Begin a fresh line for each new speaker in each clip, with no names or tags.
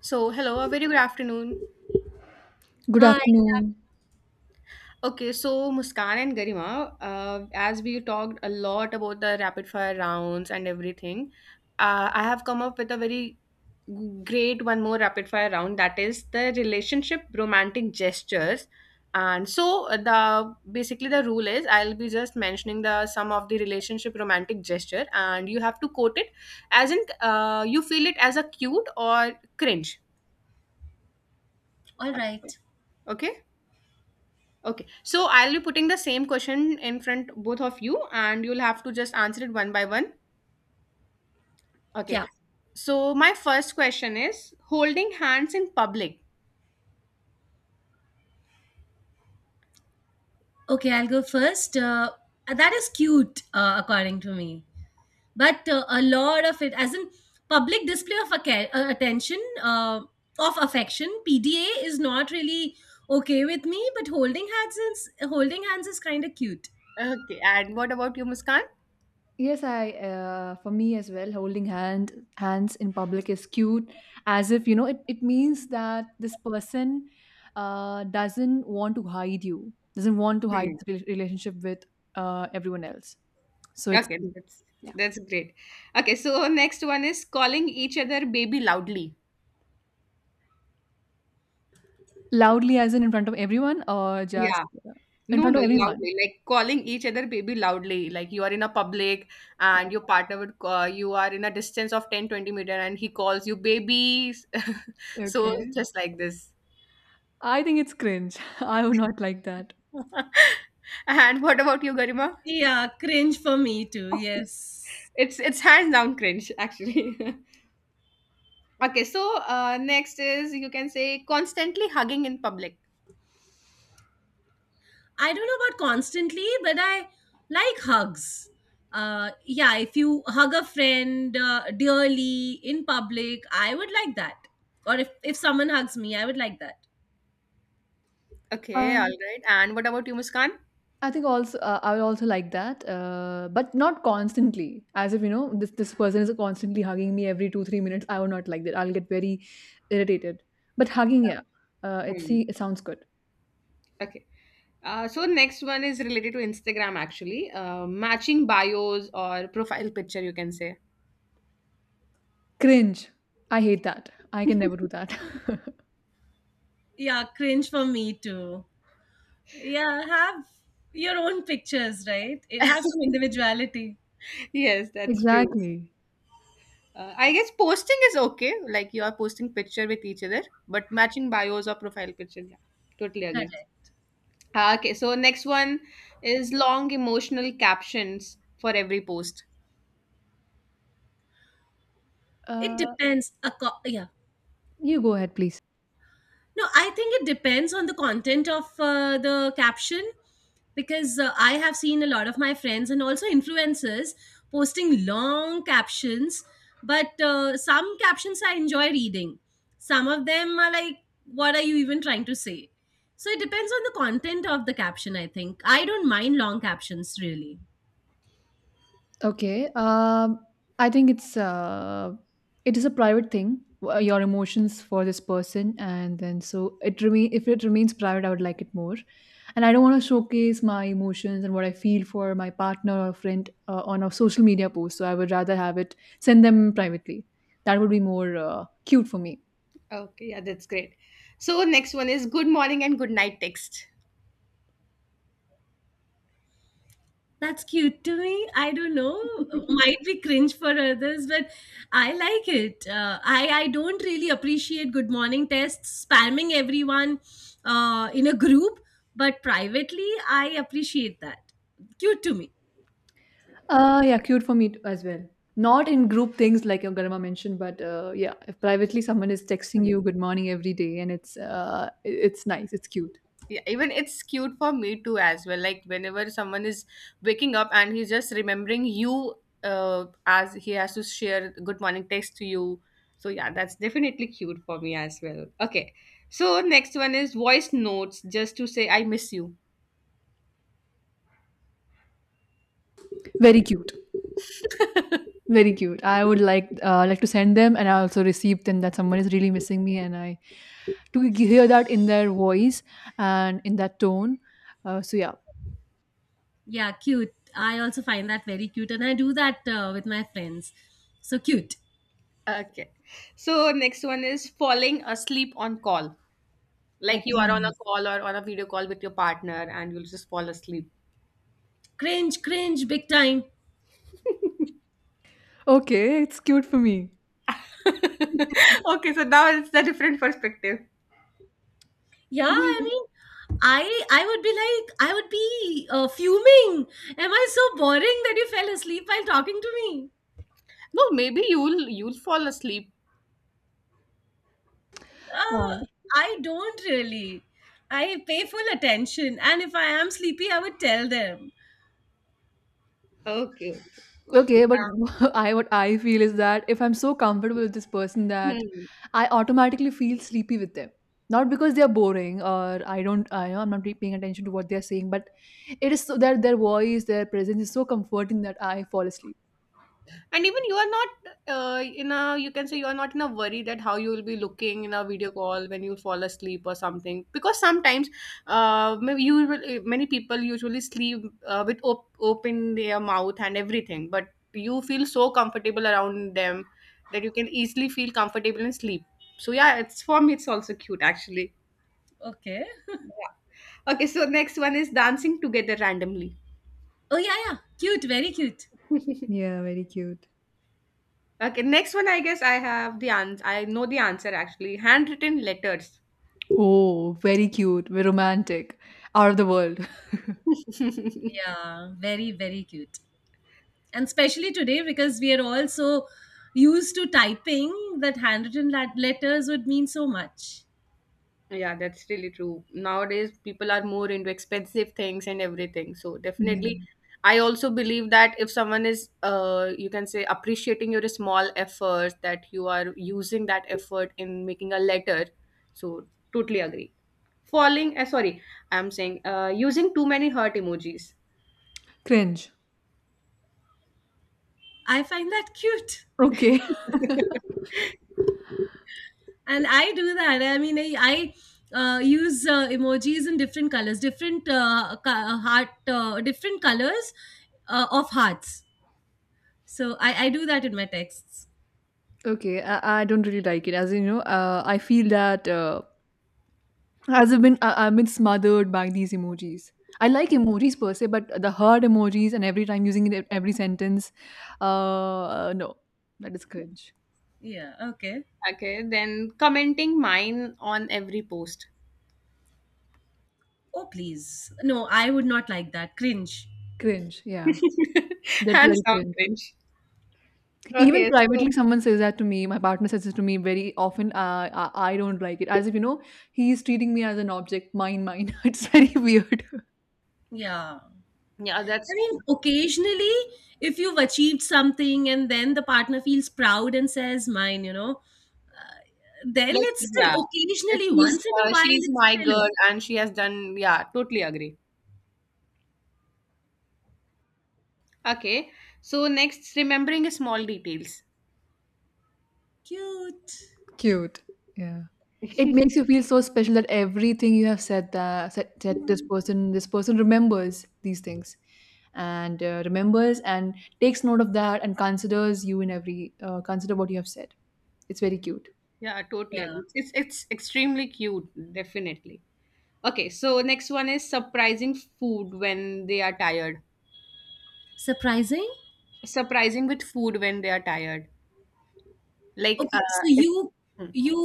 So, hello, a very good afternoon.
Good
Hi.
afternoon.
Okay, so Muskan and Garima, as we talked a lot about the rapid fire rounds and everything, I have come up with a very great one more rapid fire round, that is the relationship romantic gestures. And so the basically the rule is I'll be just mentioning the some of the relationship romantic gesture, and you have to quote it as in you feel it as a cute or cringe.
All right.
Okay. Okay, so I'll be putting the same question in front both of you, and you'll have to just answer it one by one. Okay,
Yeah.
so my first question is holding hands in public.
Okay, I'll go first. That is cute, according to me. But a lot of it, as in public display of attention, of affection, PDA is not really okay with me. But holding hands is kind of cute.
Okay, and what about you, Muskan?
Yes, I for me as well, holding hands in public is cute, as if you know it means that this person doesn't want to hide you, doesn't want to hide
Hmm.
the relationship with everyone else. So it's
Okay,
cute.
that's
Yeah.
great. Okay, so next one is calling each other baby loudly.
Loudly, as in front of everyone, or just
Yeah,
uh, in
no,
front
no,
of everyone.
loudly, like calling each other baby loudly. Like you are in a public and your partner would call, you are in a distance of 10, 20 meter, and he calls you babies. So
Okay,
just like this.
I think it's cringe. I would not like that.
And what about you, Garima?
Yeah, cringe for me too. Yes.
It's hands down cringe, actually. Okay, so next is you can say constantly hugging in public.
I don't know about constantly, but I like hugs. Yeah, if you hug a friend dearly in public, I would like that. Or if someone hugs me, I would like that.
Okay, all
Um,
right. And what about you, Muskan?
I think also I would also like that, but not constantly. As if you know, this person is constantly hugging me every 2-3 minutes. I would not like that. I'll get very irritated. But hugging, yeah, it
Hmm.
see it sounds good.
Okay. So next one is related to Instagram actually. Matching bios or profile picture, you can say.
Cringe, I hate that. I can never do that.
Yeah, cringe for me too. Yeah, have your own pictures, right? Have some individuality.
Yes, that's true.
Exactly.
I guess posting is okay, like you are posting picture with each other, but matching bios or profile picture, yeah, totally agree.
Correct.
Ah, okay, so next one is long emotional captions for every post.
It
Uh,
depends.
you go ahead, please.
No, I think it depends on the content of the caption because I have seen a lot of my friends and also influencers posting long captions. But some captions I enjoy reading. Some of them are like, what are you even trying to say? So it depends on the content of the caption, I think. I don't mind long captions really.
Okay. I think it is a private thing. Your emotions for this person, and then so it remain. If it remains private, I would like it more. And I don't want to showcase my emotions and what I feel for my partner or friend on a social media post. So I would rather have it send them privately. That would be more cute for me.
Okay, yeah, that's great. So next one is good morning and good night text.
That's cute to me. I don't know. Might be cringe for others, but I like it. I don't really appreciate good morning texts spamming everyone in a group, but privately I appreciate that. Cute to me.
Yeah, cute for me as well. Not in group things like your grandma mentioned, but yeah, if privately someone is texting
Hmm.
you good morning every day, and it's it's nice, it's cute,
Yeah, even it's cute for me too as well. Like whenever someone is waking up and he's just remembering you as he has to share good morning text to you. So yeah, that's definitely cute for me as well. Okay. So next one is voice notes just to say I miss you.
very cute, very cute. I would like to send them, and I also receive them that someone is really missing me, and I hear that in their voice and in that tone. Uh, so yeah,
Yeah, cute. I also find that very cute, and I do that with my friends. So cute.
Okay. So next one is falling asleep on call. Like you are on a
Open.
call or on a video call with your partner and you'll just fall asleep.
Cringe, cringe, big time.
okay, it's cute for me.
Okay, so now it's a different perspective.
Yeah, I mean, I would be like, I would be fuming. Am I so boring that you fell asleep while talking to me?
No, maybe you'll fall asleep.
Uh,
Okay.
I don't really. I pay full attention, and if I am sleepy, I would tell them.
Okay, okay.
Okay, but I what I feel is that if I'm so comfortable with this person
Yeah.
that
Hmm.
I automatically feel sleepy with them. Not because they are boring or I don't I I'm not really paying attention to what they are saying, but it is so that their voice, their presence is so comforting that I fall asleep.
And even you are not in a, you can say you are not in a worry that how you will be looking in a video call when you fall asleep or something, because sometimes maybe you will- eh, many people usually sleep with open their mouth and everything, but you feel so comfortable around them that you can easily feel comfortable and sleep, so yeah, it's, for me it's also cute actually,
Okay.
yeah. Okay, so next one is dancing together randomly.
Oh yeah, yeah. Cute, very cute.
Yeah, very cute.
Okay, next one, I guess I have the answer. I know the answer actually. Handwritten letters.
Oh, very cute, very romantic, out of the world.
Yeah, very very cute. And especially today because we are all so used to typing that handwritten letters would mean so much.
Yeah, that's really true. Nowadays, people are more into expensive things and everything. So
Yeah.
definitely, I also believe that if someone is, you can say appreciating your small efforts, that you are using that effort in making a letter. So totally agree. Falling, uh, sorry, I'm saying, using too many heart emojis.
Cringe.
I find that cute.
Okay.
And I do that, I mean, I use emojis in different colors, different heart, different colors of hearts, so I do that in my texts.
Okay, I don't really like it. As in, you know, I feel that as I- I've been smothered by these emojis. I like emojis per se, but the hard emojis and every time using it in every sentence, no, that is cringe.
Yeah, okay.
Okay, then commenting mine on every post.
Oh please, no, I would not like that. Cringe.
Cringe, yeah, that's
And
very
some
cringe.
cringe.
Even
Okay, so
privately, someone says that to me. My partner says it to me very often. I I don't like it, as if you know he is treating me as an object. Mine, mine. It's very weird.
Yeah,
yeah,
I
that's
mean occasionally, if you've achieved something and then the partner feels proud and says mine, you know, then
like,
it's
yeah,
still
that
occasionally,
she's
once in a
uh,
while,
she's
it's
my
still
girl, and she has done, yeah, totally agree. Okay, so next, remembering small details.
cute.
Cute. Yeah. It makes you feel so special that everything you have said this person remembers these things and remembers and takes note of that and considers you in every consider what you have said. It's very cute.
Yeah, totally
Yeah,
agree. It's extremely cute, definitely. Okay, so next one is surprising food when they are tired.
surprising.
Surprising with food when they are tired, like
Okay, so
if,
you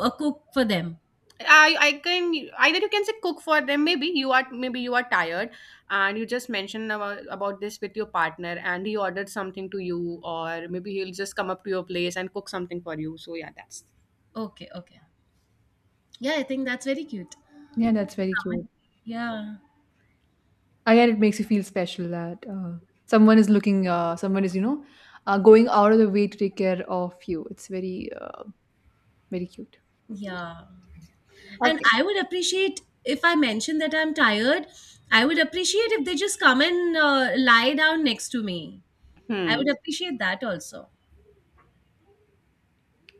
cook for them.
I can, either you can say cook for them. Maybe you are tired, and you just mentioned about this with your partner, and he ordered something to you, or maybe he'll just come up to your place and cook something for you. So yeah, that's
Okay, okay. Yeah, I think that's very cute.
Yeah, that's very
Someone-
cute.
yeah,
Again, it makes you feel special that someone is, you know, going out of the way to take care of you. It's very, very cute.
yeah. And
okay.
I would appreciate if I mention that I'm tired. I would appreciate if they just come and lie down next to me. I would
Hmm,
appreciate that also.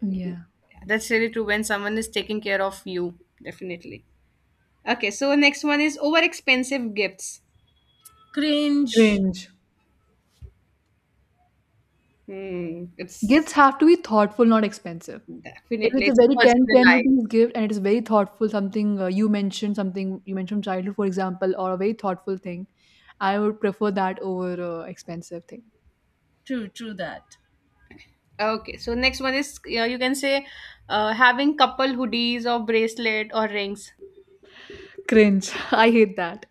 Yeah.
yeah, that's really true. When someone is taking care of you, definitely. Okay, so next one is over expensive gifts.
Cringe.
Cringe.
Hmm, it's
Gifts have to be thoughtful, not expensive. If
definitely
it's a
it's
very ten
personalized.
rupees gift and it's very thoughtful, something you mentioned, something you mentioned from childhood, for example, or a very thoughtful thing, I would prefer that over expensive thing.
True, true that.
Okay, so next one is, yeah, you can say having couple hoodies or bracelet or rings.
Cringe. I hate that.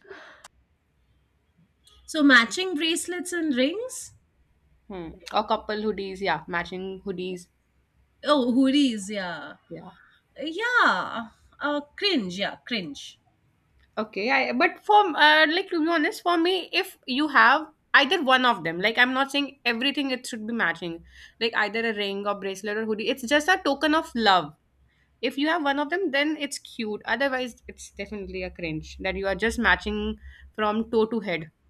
So matching bracelets and rings.
Hmm. Or couple hoodies, yeah, matching hoodies,
Oh, hoodies. Yeah,
yeah.
yeah. Cringe. Yeah, cringe.
Okay, I but for like, to be honest, for me, if you have either one of them, like I'm not saying everything it should be matching, like either a ring or bracelet or hoodie, it's just a token of love. If you have one of them, then it's cute. Otherwise, it's definitely a cringe that you are just matching from toe to head.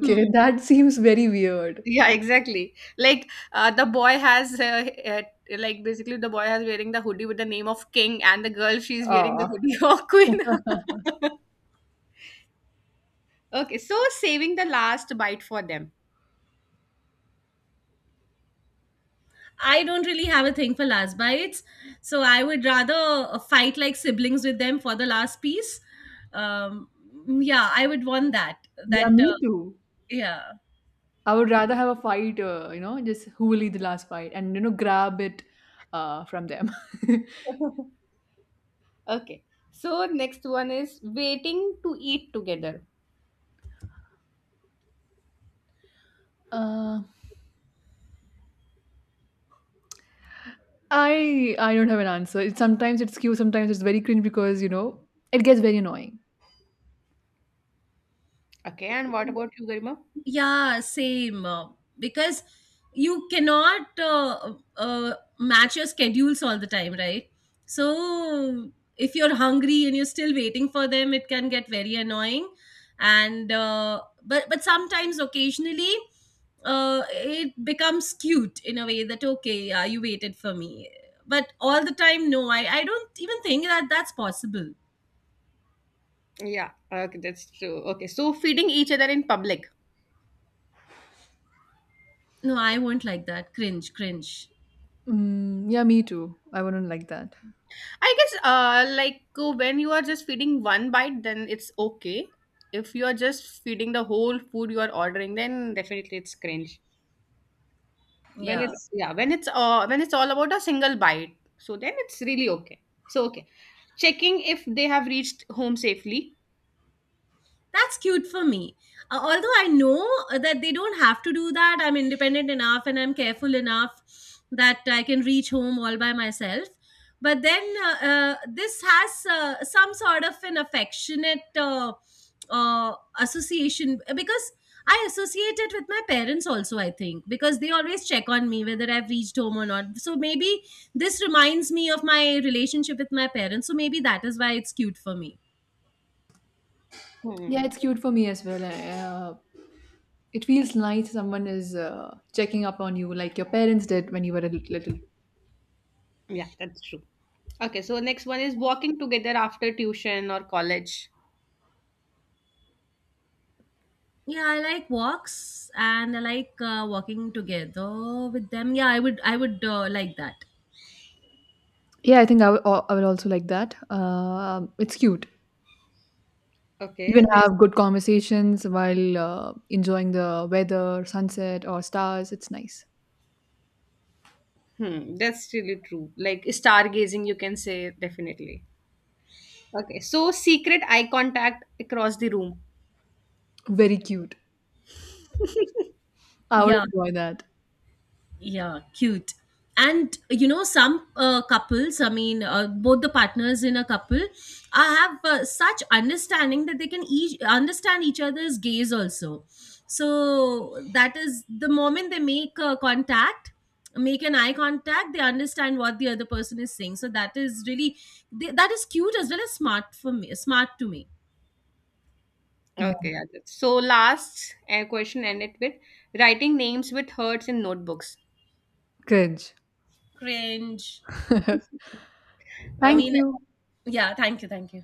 Hmm.
that seems very weird.
Yeah, exactly. Like the boy has like, basically the boy has wearing the hoodie with the name of king, and the girl, she's wearing the
Ah,
hoodie of queen. Okay, so saving the last bite for them.
I don't really have a thing for last bites, so I would rather fight like siblings with them for the last piece. Um, yeah, I would want that.
yeah,
That
me
uh,
too.
yeah.
I would rather have a fight, you know, just who will lead the last fight and, you know, grab it from them.
Okay. So next one is waiting to eat together.
Um I don't have an answer. It's sometimes it's cute, sometimes it's very cringe because you know it gets very annoying.
Okay, and what about you, Garima?
Yeah, same. Because you cannot match your schedules all the time, right? So if you're hungry and you're still waiting for them, it can get very annoying. And but sometimes occasionally, it becomes cute in a way that okay, yeah, you waited for me. But all the time, no, I don't even think that that's possible.
Yeah, okay, that's true. Okay, so feeding each other in public.
No, I won't like that. Cringe, cringe.
Mm, yeah, me too. I wouldn't like that.
I guess when you are just feeding one bite, then it's okay. If you are just feeding the whole food you are ordering, then definitely it's cringe. When
Yeah.
it's yeah, when it's all about a single bite, so then it's really okay. So okay. Checking if they have reached home safely.
That's cute for me. Although I know that they don't have to do that, I'm independent enough and I'm careful enough that I can reach home all by myself. But then this has some sort of an affectionate uh, association because I associate it with my parents also, I think, because they always check on me whether I've reached home or not. So maybe this reminds me of my relationship with my parents. So maybe that is why it's cute for me.
Yeah,
Hmm.
it's cute for me as well. Uh, it feels nice someone is checking up on you like your parents did when you were a little.
Yeah, that's true. Okay, so next one is walking together after tuition or college.
Yeah, I like walks and I like walking together with them. Yeah, I would like that.
Yeah, I think I will also like that. It's cute. You
Okay,
can
there's
have good conversations while enjoying the weather, sunset, or stars. It's nice.
hmm, that's really true. Like stargazing, you can say, definitely. Okay, so secret eye contact across the room.
Very cute. I would
Yeah,
enjoy that.
yeah, cute. And you know, some couples, I mean, both the partners in a couple, have such understanding that they can each understand each other's gaze also. So that is the moment they make make an eye contact, they understand what the other person is saying. So that is really that is cute as well as smart for me, smart to me.
Yeah.
Okay, yeah, so last question ended with writing names with hearts in notebooks.
Cringe.
Cringe. I
Thank
mean,
you.
yeah, thank you, thank you.